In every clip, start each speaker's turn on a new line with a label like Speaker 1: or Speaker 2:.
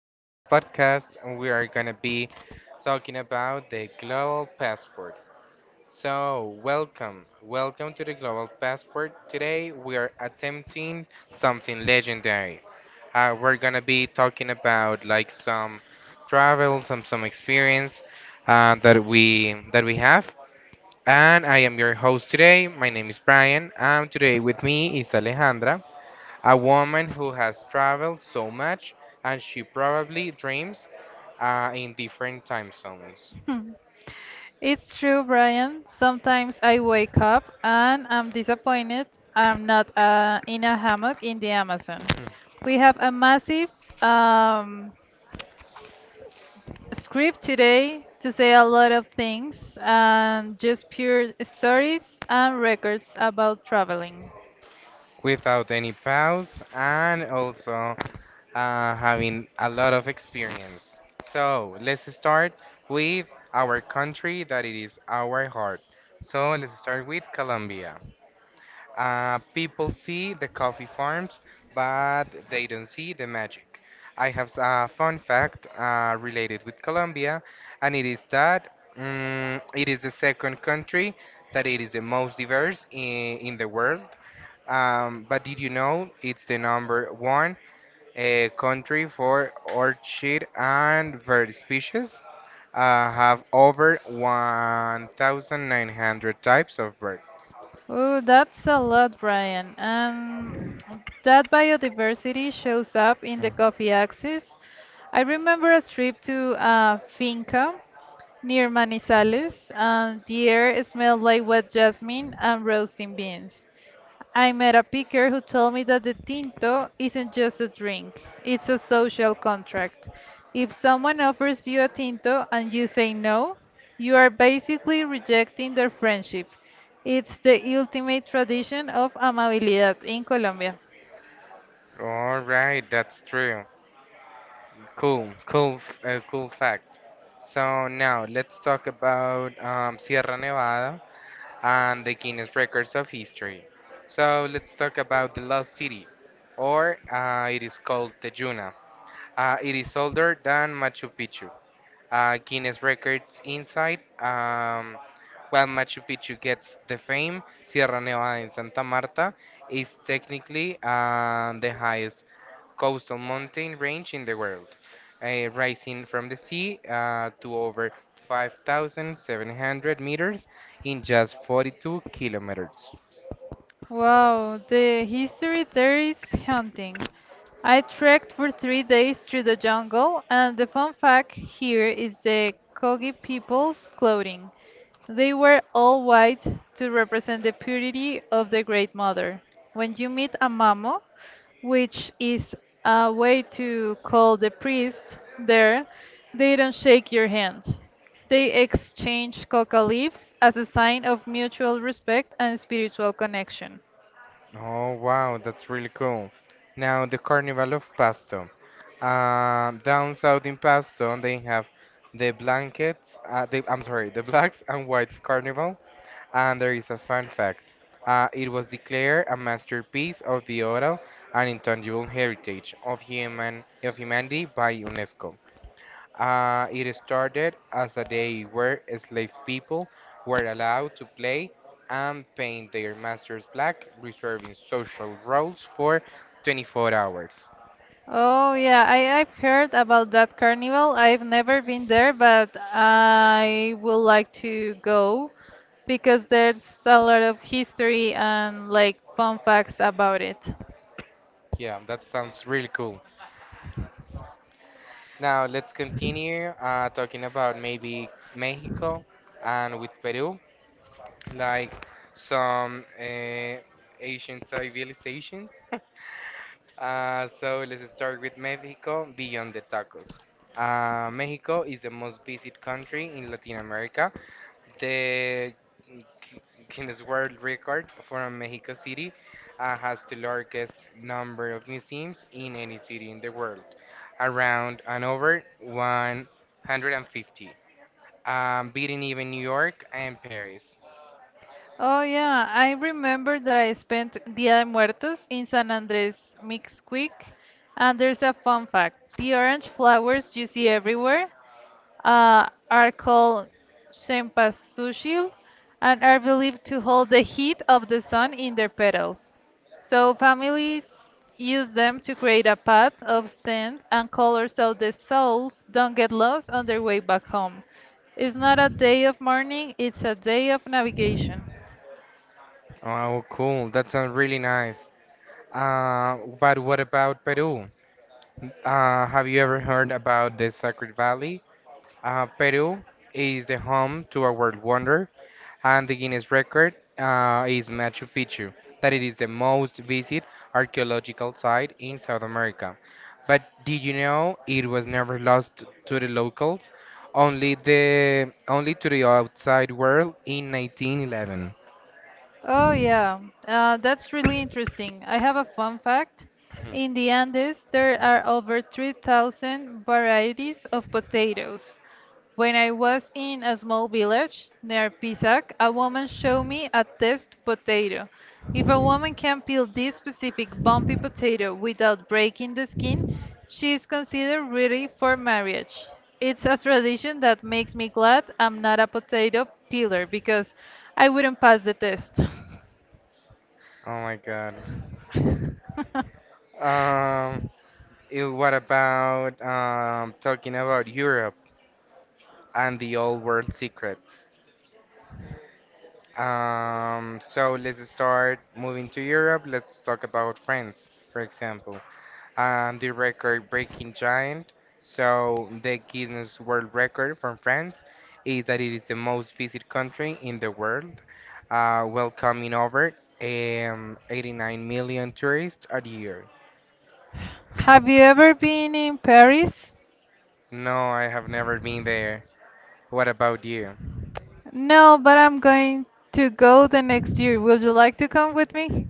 Speaker 1: Today's podcast, we are going to be talking about the global passport. So, welcome. Welcome to the global passport. Today, we are attempting something legendary. We're going to be talking about like some travel, some experience that we have. And I am your host today. My name is Brian, and today with me is Alejandra. A woman who has traveled so much and she probably dreams in different time zones
Speaker 2: It's true, Brian. Sometimes I wake up and I'm disappointed I'm not in a hammock in the Amazon. We have a massive um, script today to say a lot of things and just pure stories and records about traveling.
Speaker 1: without any pause and also having a lot of experience. So let's start with our country that it is our heart. So let's start with Colombia. People see the coffee farms, but they don't see the magic. I have a fun fact related with Colombia, and it is that it is the second country that it is the most diverse in the world. But did you know it's the number one country for orchid and bird species? Have over 1,900 types of birds.
Speaker 2: Oh, that's a lot, Brian. And that biodiversity shows up in the
Speaker 1: Mm,
Speaker 2: coffee axis. I remember a trip to a finca near Manizales, and the air smelled like wet jasmine and roasting beans. I met a picker who told me that the tinto isn't just a drink, it's a social contract. If someone offers you a tinto and you say no, you are basically rejecting their friendship. It's the ultimate tradition of amabilidad in Colombia.
Speaker 1: All right, that's true. Cool fact. So now let's talk about Sierra Nevada and the Guinness Records of History. So let's talk about the Lost City, or it is called the Juna. It is older than Machu Picchu. Guinness Records inside. While Machu Picchu gets the fame, Sierra Nevada in Santa Marta is technically the highest coastal mountain range in the world, rising from the sea to over 5,700 meters in just 42 kilometers.
Speaker 2: Wow, the history there is haunting. I trekked for 3 days through the jungle, and the fun fact here is the Kogi people's clothing. They were all white to represent the purity of the Great Mother. When you meet a mamo, which is a way to call the priest there, they don't shake your hand. They exchanged coca leaves as a sign of mutual respect and spiritual connection.
Speaker 1: Oh, wow, that's really cool. Now, the Carnival of Pasto. Down south in Pasto, they have the blankets, the, I'm sorry, the Blacks and Whites Carnival. And there is a fun fact. It was declared a masterpiece of the oral and intangible heritage of humanity by UNESCO. It started as a day where enslaved people were allowed to play and paint their masters black, reserving social roles for 24 hours.
Speaker 2: Oh yeah, I've heard about that carnival. I've never been there, but I would like to go because there's a lot of history and like fun facts about it.
Speaker 1: Yeah, that sounds really cool. Now let's continue talking about maybe Mexico and with Peru, like some Asian civilizations. So let's start with Mexico beyond the tacos. Mexico is the most visited country in Latin America. The Gu- Guinness World Record for a Mexico City has the largest number of museums in any city in the world, around and over 150, beating even New York and Paris.
Speaker 2: Oh yeah, I remember that I spent Dia de Muertos in San Andrés Mixquic, and there's a fun fact. The orange flowers you see everywhere, are called Cempasúchil and are believed to hold the heat of the sun in their petals. So families use them to create a path of scent and color so the souls don't get lost on their way back home. It's not a day of mourning, it's a day of navigation.
Speaker 1: Oh, cool. That sounds really nice. But what about Peru? Have you ever heard about the Sacred Valley? Peru is the home to a world wonder, and the Guinness record is Machu Picchu, that it is the most visited archaeological site in South America. But did you know it was never lost to the locals, only the only to the outside world in 1911?
Speaker 2: Oh, yeah, that's really interesting. I have a fun fact. In the Andes, there are over 3,000 varieties of potatoes. When I was in a small village near Pisac, a woman showed me a test potato. If a woman can peel this specific bumpy potato without breaking the skin, she is considered ready for marriage. It's a tradition that makes me glad I'm not a potato peeler because I wouldn't pass the test.
Speaker 1: Oh my God. Um, what about talking about Europe and the old world secrets? So let's start moving to Europe. Let's talk about France, for example, and the record-breaking giant. So the Guinness World Record from France is that it is the most visited country in the world, welcoming over 89 million tourists a year.
Speaker 2: Have you ever been in Paris?
Speaker 1: No, I have never been there. What about you?
Speaker 2: No, but I'm going to go the next year. Would you like to come with me?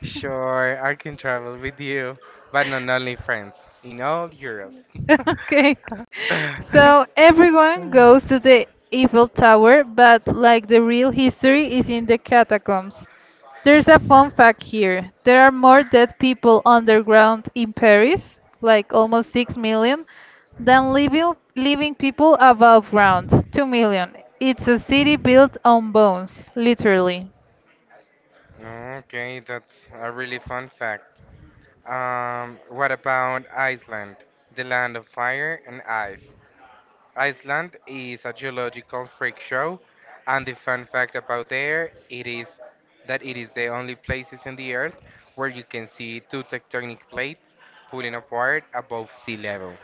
Speaker 1: Sure, I can travel with you, but not only France, in all Europe.
Speaker 2: Okay. So everyone goes to the Eiffel Tower, but like the real history is in the catacombs. There's a fun fact here. There are more dead people underground in Paris, like almost 6 million, than living people above ground, 2 million. It's a city built on bones, literally.
Speaker 1: Okay, that's a really fun fact. What about Iceland, the land of fire and ice? Iceland is a geological freak show, and the fun fact about there it is that it is the only places on the earth where you can see two tectonic plates pulling apart above sea level.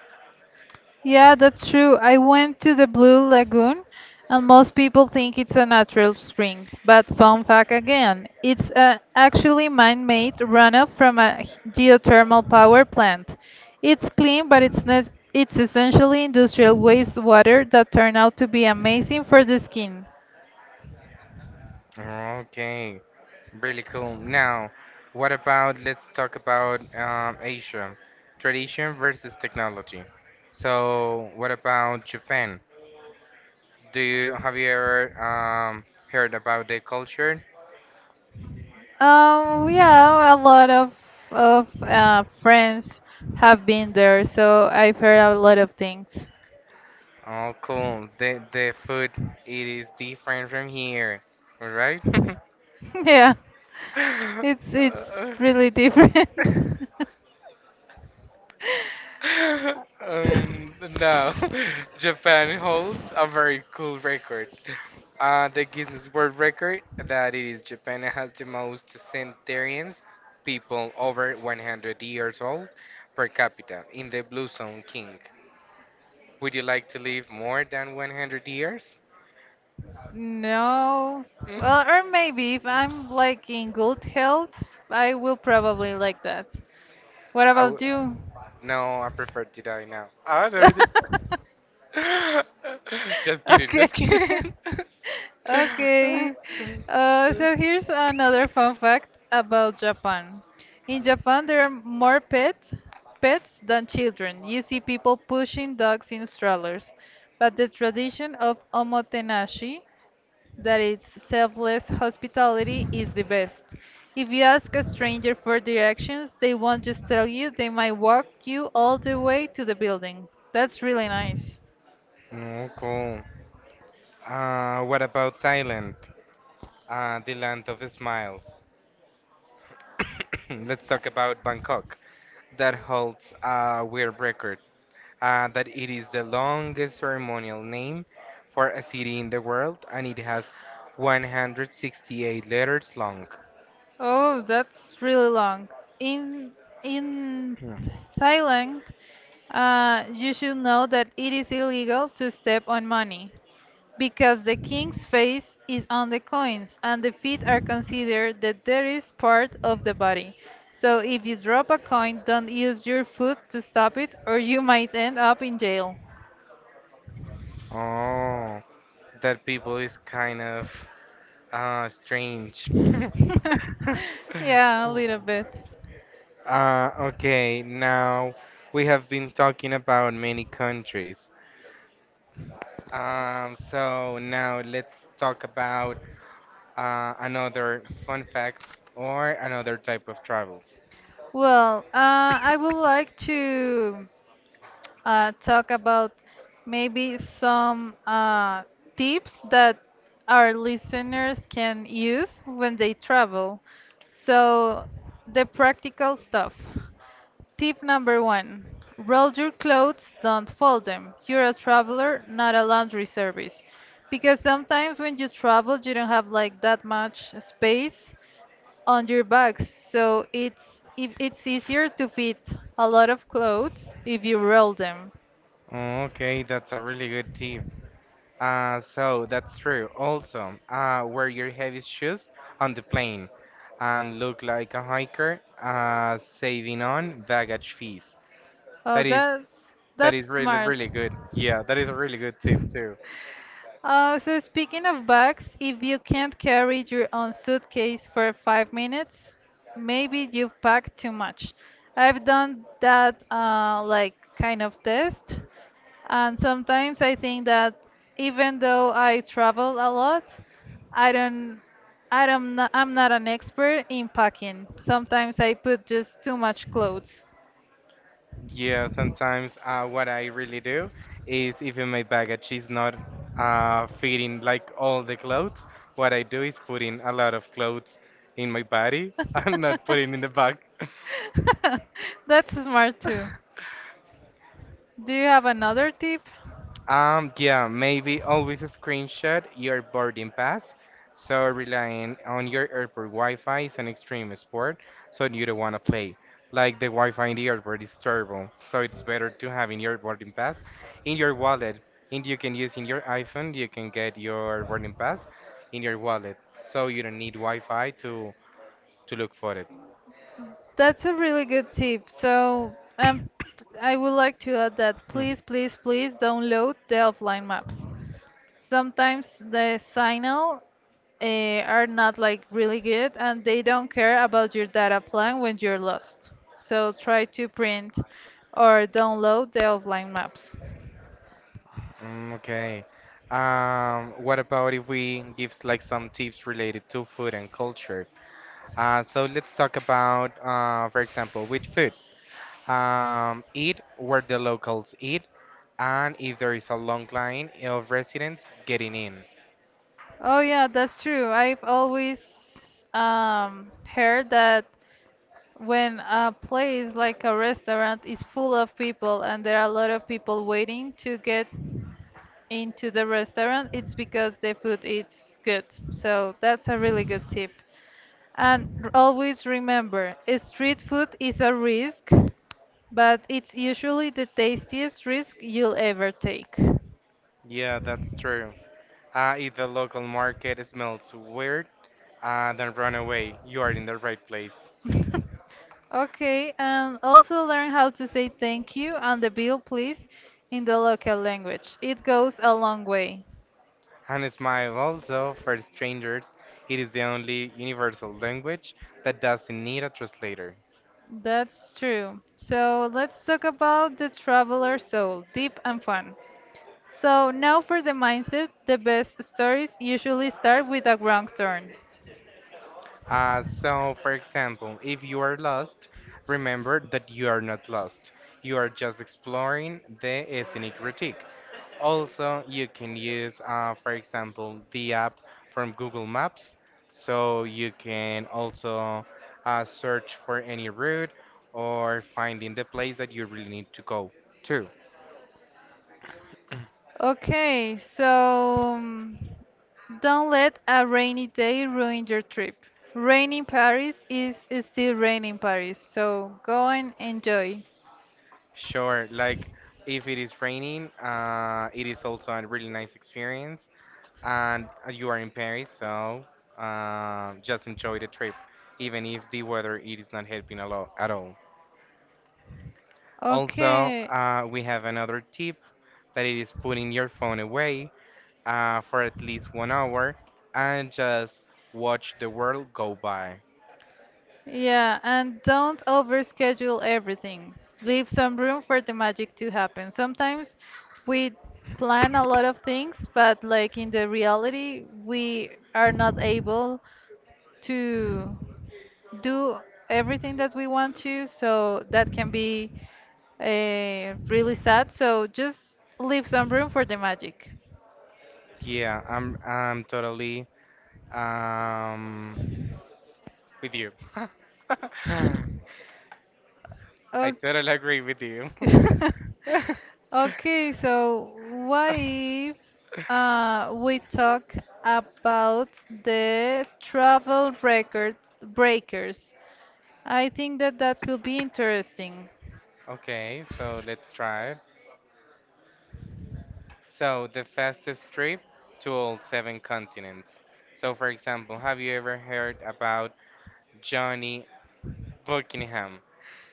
Speaker 2: Yeah, that's true. I went to the Blue Lagoon, and most people think it's a natural spring. But fun fact again, actually man-made runoff from a geothermal power plant. It's clean, but it's essentially industrial wastewater that turned out to be amazing for the skin.
Speaker 1: Okay. Really cool. Now, what about let's talk about Asia, tradition versus technology. So, what about Japan? Do you have you ever heard about their culture?
Speaker 2: Yeah, a lot of friends have been there, so I've heard a lot of things.
Speaker 1: Oh, cool. The food it is different from here, all right?
Speaker 2: Yeah. It's really different.
Speaker 1: No, Japan holds a very cool record. The Guinness World Record that it is Japan has the most centenarians, people over 100 years old per capita in the Blue Zone King. Would you like to live more than 100 years?
Speaker 2: No.
Speaker 1: Mm,
Speaker 2: Well, or maybe if I'm like in good health, I will probably like that. What
Speaker 1: I w
Speaker 2: about you?
Speaker 1: no, I prefer to die now. I don't know. Just kidding,
Speaker 2: Okay.
Speaker 1: just kidding.
Speaker 2: Okay. So here's another fun fact about Japan. In Japan, there are more pets than children. You see people pushing dogs in strollers, but the tradition of omotenashi, that is selfless hospitality, is the best. If you ask a stranger for directions, they won't just tell you, they might walk you all the way to the building. That's really nice.
Speaker 1: Oh, cool. What about Thailand? The land of smiles. Let's talk about Bangkok. That holds a weird record that it is the longest ceremonial name for a city in the world, and it has 168 letters long.
Speaker 2: Oh, that's really long. In in
Speaker 1: Hmm.
Speaker 2: Thailand, you should know that it is illegal to step on money because the king's face is on the coins and the feet are considered that there is part of the body. So if you drop a coin, don't use your foot to stop it or you might end up in jail.
Speaker 1: Oh, that people is kind of strange.
Speaker 2: Yeah, a little bit.
Speaker 1: Okay, now we have been talking about many countries. So now let's talk about another fun facts or another type of travels.
Speaker 2: Well, I would like to. Talk about maybe some tips that our listeners can use when they travel. So, the practical stuff. Tip number one roll your clothes, don't fold them. You're a traveler, not a laundry service. Because sometimes when you travel, you don't have like that much space on your bags. So it's easier to fit a lot of clothes if you roll them.
Speaker 1: Okay, that's a really good tip. So that's true. Also, wear your heavy shoes on the plane and look like a hiker, saving on baggage fees.
Speaker 2: Oh,
Speaker 1: That is
Speaker 2: that's
Speaker 1: that is
Speaker 2: that's
Speaker 1: really
Speaker 2: smart.
Speaker 1: really good. Yeah, that is a really good tip.
Speaker 2: So speaking of bags, if you can't carry your own suitcase for 5 minutes, maybe you've packed too much. I've done that like kind of test, and sometimes I think that even though I travel a lot, I don't, I'm not an expert in packing. Sometimes I put just too much clothes.
Speaker 1: Yeah, sometimes what I really do is if in my baggage is not fitting like all the clothes, what I do is putting a lot of clothes in my body and not putting in the bag.
Speaker 2: That's smart too. Do you have another tip?
Speaker 1: Yeah, maybe always screenshot your boarding pass. So relying on your airport Wi-Fi is an extreme sport, so you don't want to play. Like the Wi-Fi in the airport is terrible, so it's better to have in your boarding pass in your wallet. And you can use in your iPhone, you can get your boarding pass in your wallet, so you don't need Wi-Fi to look for it.
Speaker 2: That's a really good tip. So, um, I would like to add that
Speaker 1: Hmm,
Speaker 2: please, please, please download the offline maps. Sometimes the signal are not like really good and they don't care about your data plan when you're lost. So try to print or download the offline maps.
Speaker 1: Okay. What about if we give like some tips related to food and culture? So let's talk about, for example, with food. Eat where the locals eat, and if there is a long line of residents getting in.
Speaker 2: Oh yeah, that's true. I've always heard that when a place like a restaurant is full of people and there are a lot of people waiting to get into the restaurant, it's because the food is good. So that's a really good tip. And always remember, street food is a risk, but it's usually the tastiest risk you'll ever take.
Speaker 1: Yeah, that's true. If the local market smells weird, then run away. You are in the right place.
Speaker 2: Okay, and also learn how to say thank you and the bill please in the local language. It goes a long way.
Speaker 1: And smile also for strangers. It is the only universal language that doesn't need a translator.
Speaker 2: That's true. So let's talk about the traveler soul, deep and fun. So now for the mindset, the best stories usually start with a wrong turn.
Speaker 1: So, for example, if you are lost, remember that you are not lost. You are just exploring the scenic route. Also, you can use, for example, the app from Google Maps. So you can also search for any route or finding the place that you really need to go to.
Speaker 2: Okay, so don't let a rainy day ruin your trip. Rain in Paris is still rain in Paris, so go and enjoy.
Speaker 1: Sure, like if it is raining, it is also a really nice experience and you are in Paris, so just enjoy the trip, even if the weather it is not helping a lot at all. Also,
Speaker 2: Okay.
Speaker 1: we have another tip that it is putting your phone away for at least 1 hour and just watch the world go by.
Speaker 2: Yeah, and don't overschedule everything. Leave some room for the magic to happen. Sometimes we plan a lot of things, but like in the reality, we are not able to do everything that we want to, so that can be really sad. So just leave some room for the magic.
Speaker 1: Yeah, I'm totally um with you. I totally agree with you.
Speaker 2: Okay, so what if we talk about the travel record breakers? I think that that could be interesting.
Speaker 1: Okay, so let's try it. So, the fastest trip to all seven continents. So, for example, have you ever heard about Johnny Buckingham?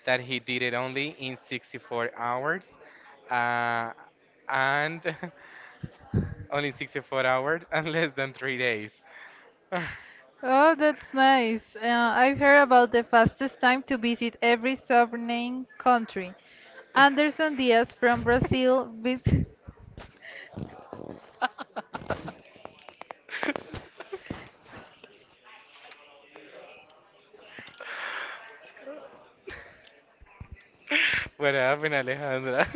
Speaker 1: That he did it only in 64 hours? Uh, and only 64 hours and less than 3 days. What
Speaker 2: Oh, that's nice. I've heard about the fastest time to visit every sovereign country. Anderson Diaz from Brazil vis
Speaker 1: happened, Alejandra?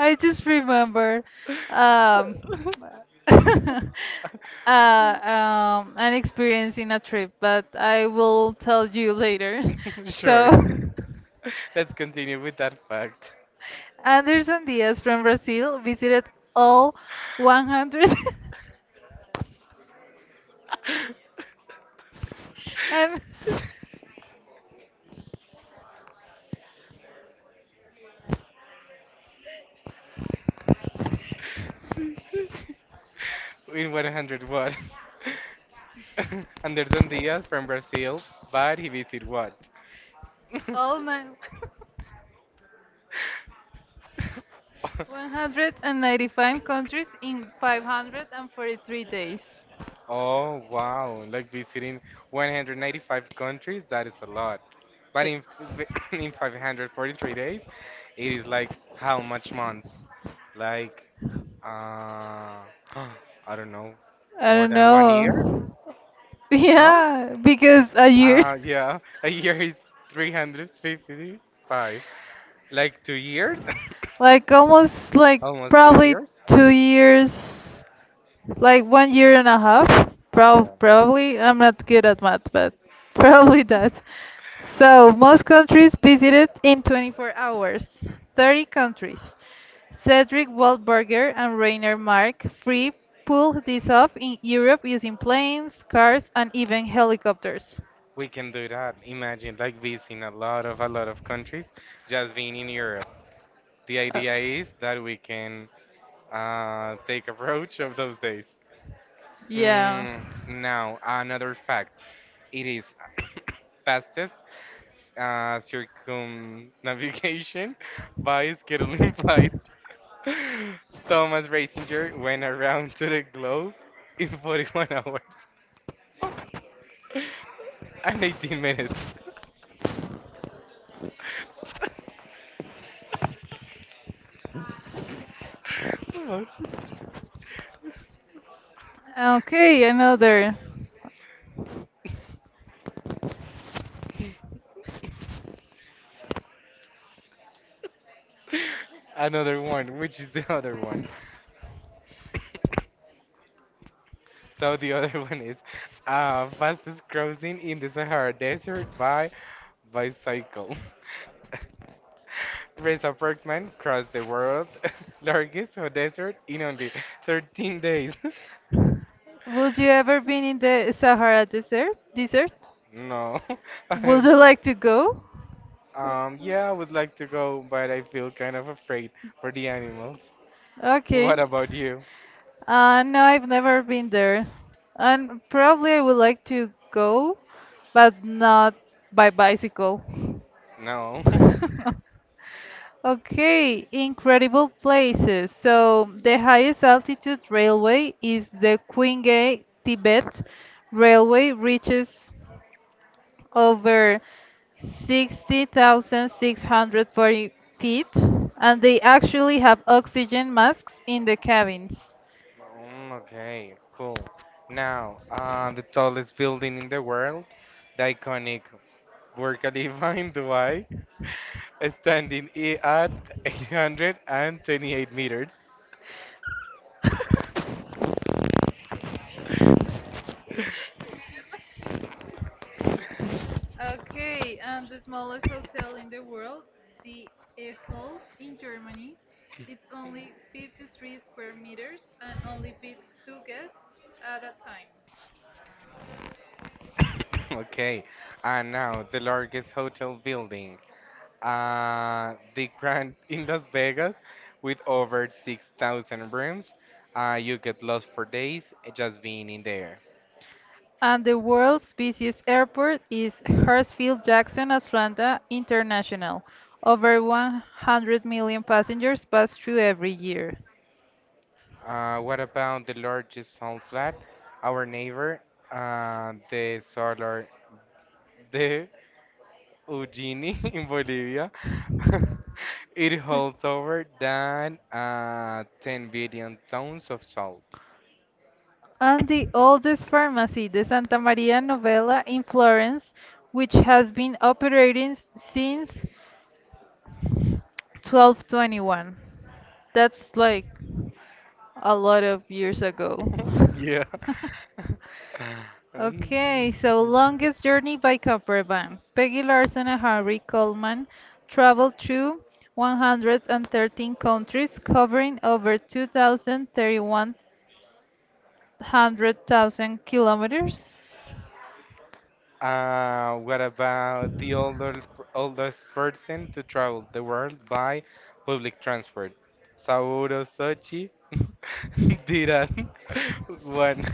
Speaker 2: I just remember um, uh, an experience in a trip, but I will tell you later. So,
Speaker 1: Sure. Let's continue with that fact.
Speaker 2: Anderson Diaz from Brazil visited all 100 and
Speaker 1: In 100 what? Anderson Diaz from Brazil, but he visit what?
Speaker 2: all nine. 195 countries in 543 days.
Speaker 1: Oh wow, like visiting 195 countries, that is a lot. But
Speaker 2: But
Speaker 1: in in 543 days, it is like how much months? Like uh I don't know,
Speaker 2: I
Speaker 1: more
Speaker 2: don't
Speaker 1: than 1 year?
Speaker 2: know.
Speaker 1: No?
Speaker 2: Yeah, because a year.
Speaker 1: Yeah, a year is 355. Like 2 years?
Speaker 2: Like almost like
Speaker 1: Almost two
Speaker 2: probably
Speaker 1: years?
Speaker 2: 2 years like one year and a half,
Speaker 1: Yeah,
Speaker 2: probably. I'm not good at math, but probably that. So, most countries visited in 24 hours. 30 countries. Cedric Waldberger and Rainer Mark Free pulled this off in Europe using planes, cars, and even helicopters.
Speaker 1: we can do that. Imagine like visiting a lot of countries, just being in Europe. The
Speaker 2: Uh,
Speaker 1: idea is that we can take approach of those days.
Speaker 2: Yeah
Speaker 1: Mm, Now, another fact. It is fastest circumnavigation by scheduling flights. Thomas Ratzinger went around to the globe in 41 hours and 18 minutes. Oh.
Speaker 2: Okay, another.
Speaker 1: Another one, which is the other one. So the other one is fastest crossing in the Sahara Desert by bicycle. Reza Bergman crossed the world largest hot desert in only 13 days.
Speaker 2: Would you ever been in the Sahara Desert? Desert?
Speaker 1: No.
Speaker 2: Would
Speaker 1: I-
Speaker 2: you like to go?
Speaker 1: Yeah, I would like to go, but I feel kind of afraid for the animals. What
Speaker 2: Okay.
Speaker 1: about you?
Speaker 2: No, I've never been there. And probably I would like to go, but not by bicycle.
Speaker 1: No.
Speaker 2: Okay, incredible places. So the highest altitude railway is the Qinghai Tibet Railway reaches over 60,640 feet, and they actually have oxygen masks in the cabins.
Speaker 1: Okay, cool. Now, the tallest building in the world, the iconic Burj Khalifa in Dubai, standing at 828 meters.
Speaker 2: Okay, and the smallest hotel in the world, the Eholz in Germany, it's only 53 square meters and only fits two guests at a time.
Speaker 1: Okay, and now the largest hotel building, the Grand in Las Vegas, with over 6,000 rooms. You get lost for days just being in there.
Speaker 2: And the world's busiest airport is Hartsfield-Jackson Atlanta International. Over 100 million passengers pass through every year.
Speaker 1: What about the largest salt flat? Our neighbor, the Solar de Ujini in Bolivia. It holds over than 10 billion tons of salt.
Speaker 2: And the oldest pharmacy, the Santa Maria Novella in Florence, which has been operating since 1221. That's like a lot of years ago.
Speaker 1: Yeah.
Speaker 2: Okay,
Speaker 1: Um,
Speaker 2: so longest journey by caravan. Peggy Larson and Harry Coleman traveled through 113 countries, covering over 2,031 100,000 kilometers.
Speaker 1: uh, what about oldest person to travel the world by public transport? Sauro Sochi did at one,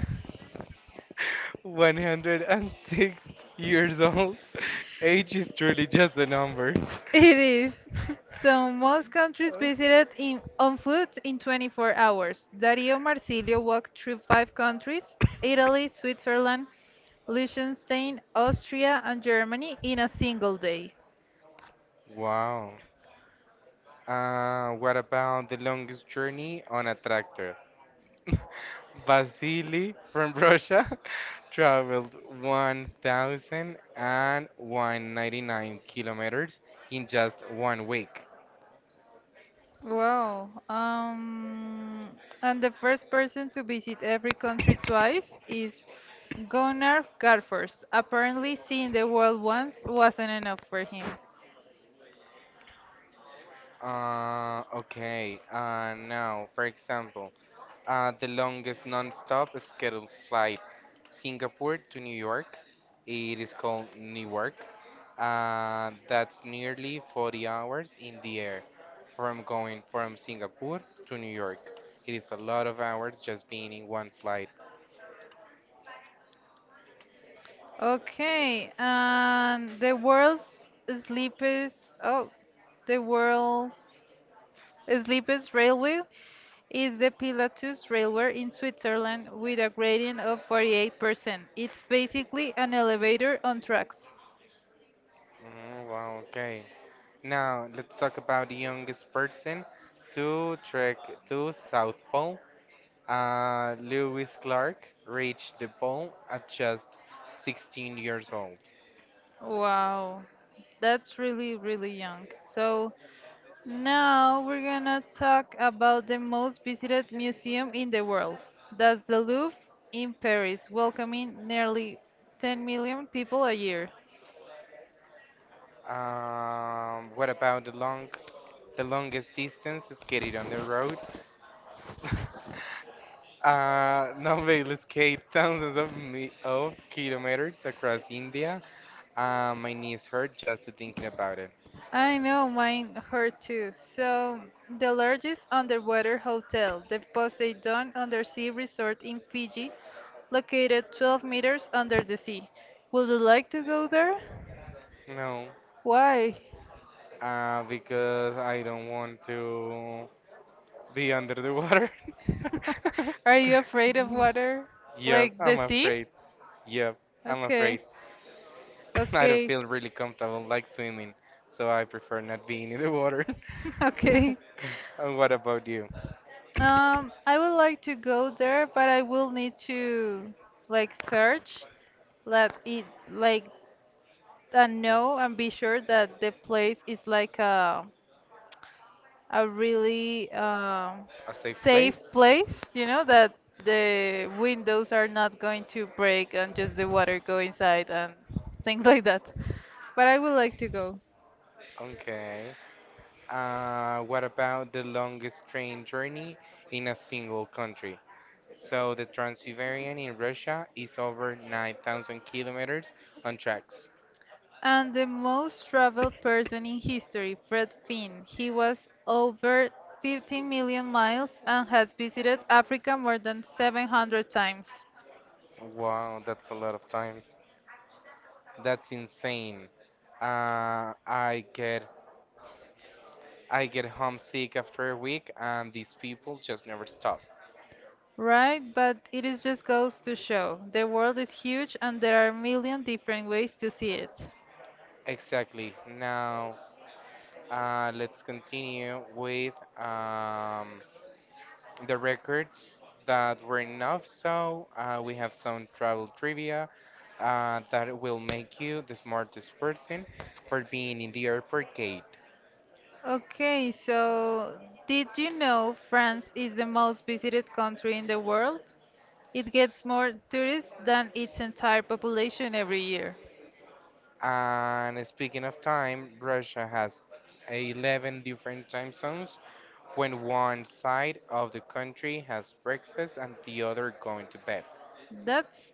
Speaker 1: 106 years old. Age is truly just a number.
Speaker 2: It is. So most countries visited in, on foot in 24 hours. Dario Marsilio walked through five countries, Italy, Switzerland, Liechtenstein, Austria, and Germany in a single day.
Speaker 1: Wow. What about the longest journey on a tractor? Vasily from Russia traveled 1,199 kilometers in just one week.
Speaker 2: Wow. And the first person to visit every country twice is Gunnar Garfors. Apparently, seeing the world once wasn't enough for him.
Speaker 1: For example, the longest non-stop scheduled flight, Singapore to New York. It is called Newark. And that's nearly 40 hours in the air from going from Singapore to New York. It is a lot of hours just being in one flight.
Speaker 2: Okay, and sleepest oh, the world sleepest railway is the Pilatus Railway in Switzerland with a grading of 48%. It's basically an elevator on tracks.
Speaker 1: Wow, okay. Now let's talk about the youngest person to trek to South Pole. Lewis Clark reached the pole at just 16 years old.
Speaker 2: Wow, that's really, really young. So now we're gonna talk about the most visited museum in the world. That's the Louvre in Paris, welcoming nearly 10 million people a year.
Speaker 1: What about the longest distance skated on the road? Navale skate thousands of, mi- of kilometers across India. My knees hurt just to thinking about it.
Speaker 2: I know mine hurt too. So, the largest underwater hotel, the Poseidon Undersea Resort in Fiji, located 12 meters under the sea. Would you like to go there?
Speaker 1: No,
Speaker 2: Why?
Speaker 1: because I don't want to be under the water.
Speaker 2: Are you afraid of water?
Speaker 1: Yep,
Speaker 2: Like
Speaker 1: I'm
Speaker 2: the sea?
Speaker 1: afraid. Yep, I'm
Speaker 2: Okay,
Speaker 1: afraid. I don't
Speaker 2: okay,
Speaker 1: feel really comfortable like swimming, so I prefer not being in the water.
Speaker 2: okay.
Speaker 1: And what about you?
Speaker 2: I would like to go there, but I will need to like search, let it like and know and be sure that the place is like a really
Speaker 1: A safe
Speaker 2: safe
Speaker 1: place?
Speaker 2: place. You know that the windows are not going to break and just the water go inside and things like that. But I would like to go.
Speaker 1: Okay. What about the longest train journey in a single country? So the Trans-Siberian in Russia is over 9,000 kilometers on tracks.
Speaker 2: And the most traveled person in history, Fred Finn. He was over 15 million miles and has visited Africa more than 700 times.
Speaker 1: Wow, that's a lot of times. That's insane. Uh, I get I get homesick after a week, and these people just never stop.
Speaker 2: Right, but it is just goes to show the world is huge and there are a million different ways to see it.
Speaker 1: Exactly. Now let's continue with the records that were enough. So we have some travel trivia that will make you the smartest person for being in the airport gate.
Speaker 2: Okay, so did you know France is the most visited country in the world? It gets more tourists than its entire population every year.
Speaker 1: And speaking of time, Russia has 11 different time zones when one side of the country has breakfast and the other going to bed.
Speaker 2: That's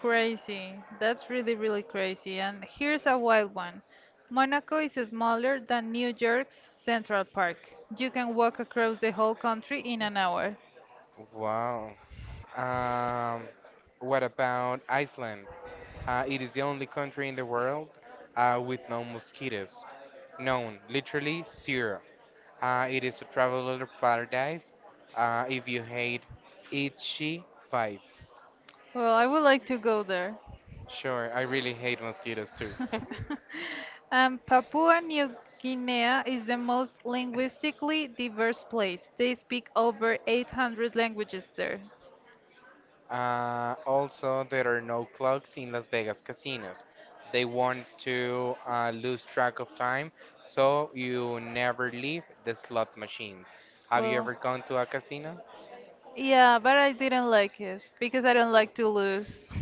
Speaker 2: crazy. That's really, really crazy. And here's a wild one. Monaco is smaller than New York's Central Park. You can walk across the whole country in an hour.
Speaker 1: Wow. Um, what about Iceland? It is the only country in the world with no mosquitoes. None, literally zero. It is a traveler paradise. If you hate itchy bites.
Speaker 2: Well, I would like to go there.
Speaker 1: Sure, I really hate mosquitoes too.
Speaker 2: Papua New Guinea is the most linguistically diverse place. They speak over 800 languages there.
Speaker 1: Also, there are no clocks in Las Vegas casinos. They want to lose track of time, so you never leave the slot machines. Have you
Speaker 2: Well,
Speaker 1: ever gone to a casino?
Speaker 2: yeah, but I didn't like it because I don't like to lose.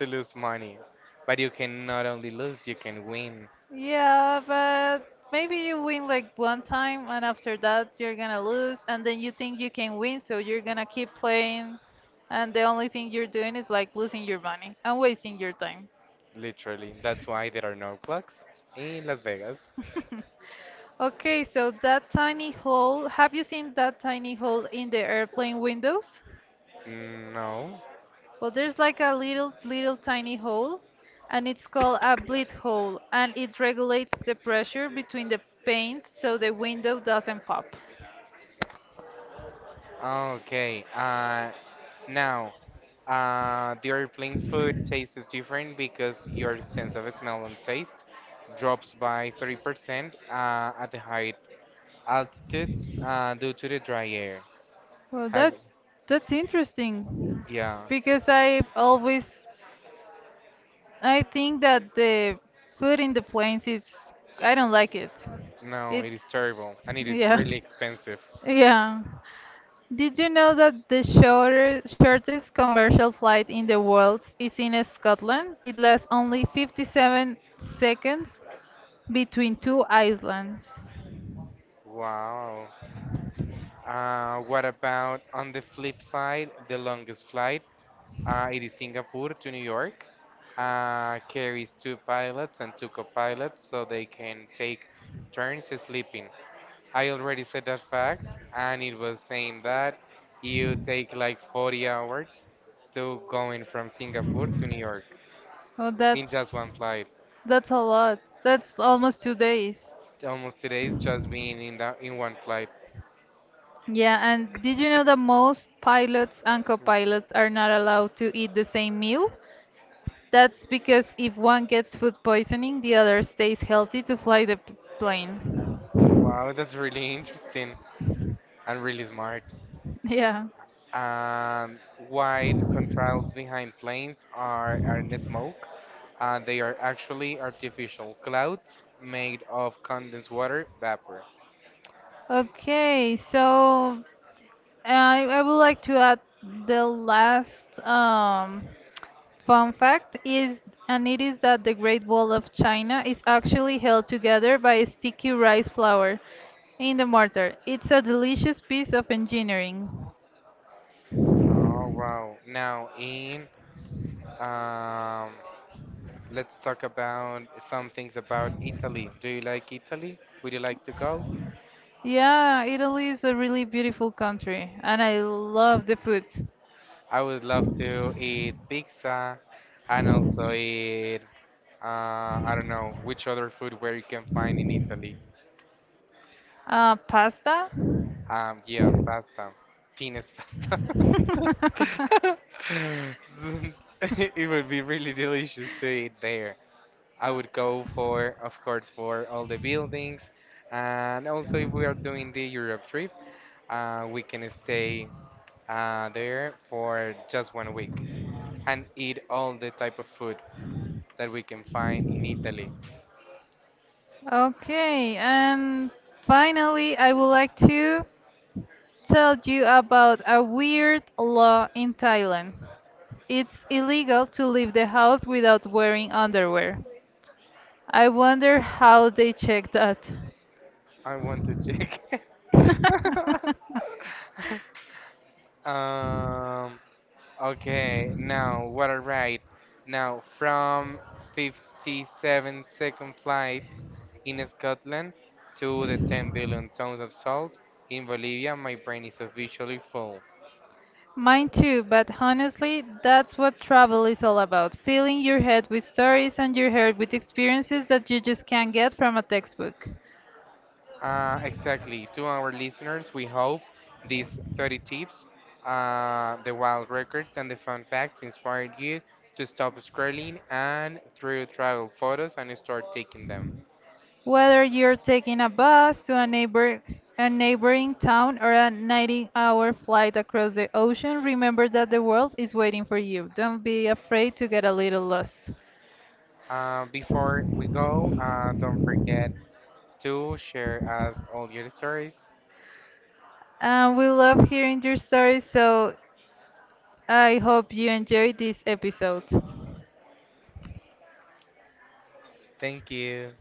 Speaker 1: To lose money. But you can not only lose, you can win.
Speaker 2: Yeah, but maybe you win like one time and after that you're gonna lose and then you think you can win, so you're gonna keep playing and the only thing you're doing is like losing your money and wasting your time.
Speaker 1: Literally, that's why there are no clocks in Las Vegas.
Speaker 2: Okay, so that tiny hole, have you seen that tiny hole in the airplane windows?
Speaker 1: No.
Speaker 2: Well, there's like a little, little tiny hole, and it's called a bleed hole, and it regulates the pressure between the panes so the window doesn't pop.
Speaker 1: Okay. Now, the airplane food tastes different because your sense of smell and taste drops by 30% at the high altitudes due to the dry air.
Speaker 2: Well,
Speaker 1: Have
Speaker 2: that's interesting
Speaker 1: yeah.
Speaker 2: because I always I think that the food in the planes is I don't like it.
Speaker 1: No, it
Speaker 2: It's
Speaker 1: is terrible and it is
Speaker 2: yeah.
Speaker 1: really expensive.
Speaker 2: Yeah. Did you know that the shortest commercial flight in the world is in Scotland? It lasts only 57 seconds between two islands.
Speaker 1: Wow. What about on the flip side, the longest flight? It is Singapore to New York. Carries two pilots and two co-pilots so they can take turns sleeping. I already said that fact, and it was saying that you take like 40 hours to going from Singapore to New York
Speaker 2: Oh,
Speaker 1: in just one flight.
Speaker 2: that's a lot. That's almost 2 days.
Speaker 1: Almost today is just being in that in one flight.
Speaker 2: Yeah, and did you know that most pilots and co-pilots are not allowed to eat the same meal? That's because if one gets food poisoning, the other stays healthy to fly the plane.
Speaker 1: Wow, that's really interesting and really smart.
Speaker 2: Yeah.
Speaker 1: And wide contrails behind planes are in smoke. They are actually artificial clouds made of condensed water vapor.
Speaker 2: Okay, so I would like to add the last fun fact is, and it is that the Great Wall of China is actually held together by a sticky rice flour in the mortar. It's a delicious piece of engineering.
Speaker 1: Oh wow! Now in um, let's talk about some things about Italy. Do you like Italy? Would you like to go?
Speaker 2: Yeah, Italy is a really beautiful country, and I love the food.
Speaker 1: I would love to eat pizza and also eat uh, I don't know which other food where you can find in Italy.
Speaker 2: Pasta?
Speaker 1: Yeah, pasta, penis pasta. So, it would be really delicious to eat there. I would go for, of course, for all the buildings, and also if we are doing the Europe trip, we can stay there for just one week and eat all the type of food that we can find in Italy.
Speaker 2: Okay, and finally, I would like to tell you about a weird law in Thailand. It's illegal to leave the house without wearing underwear. I wonder how they check that.
Speaker 1: I want to check. Um, Okay, now what a ride! Now from 57-second flights in Scotland to the 10 billion tons of salt in Bolivia, my brain is officially full.
Speaker 2: Mine too, but honestly, that's what travel is all about filling your head with stories and your heart with experiences that you just can't get from a textbook.
Speaker 1: Exactly. To our listeners, we hope these 30 tips, the wild records, and the fun facts inspired you to stop scrolling and through travel photos and start taking them.
Speaker 2: Whether you're taking a bus to a neighbor a neighboring town or a 19-hour flight across the ocean, remember that the world is waiting for you. Don't be afraid to get a little lost.
Speaker 1: Before we go, don't forget to share us all your stories.
Speaker 2: And we love hearing your stories, so I hope you enjoyed this episode.
Speaker 1: Thank you.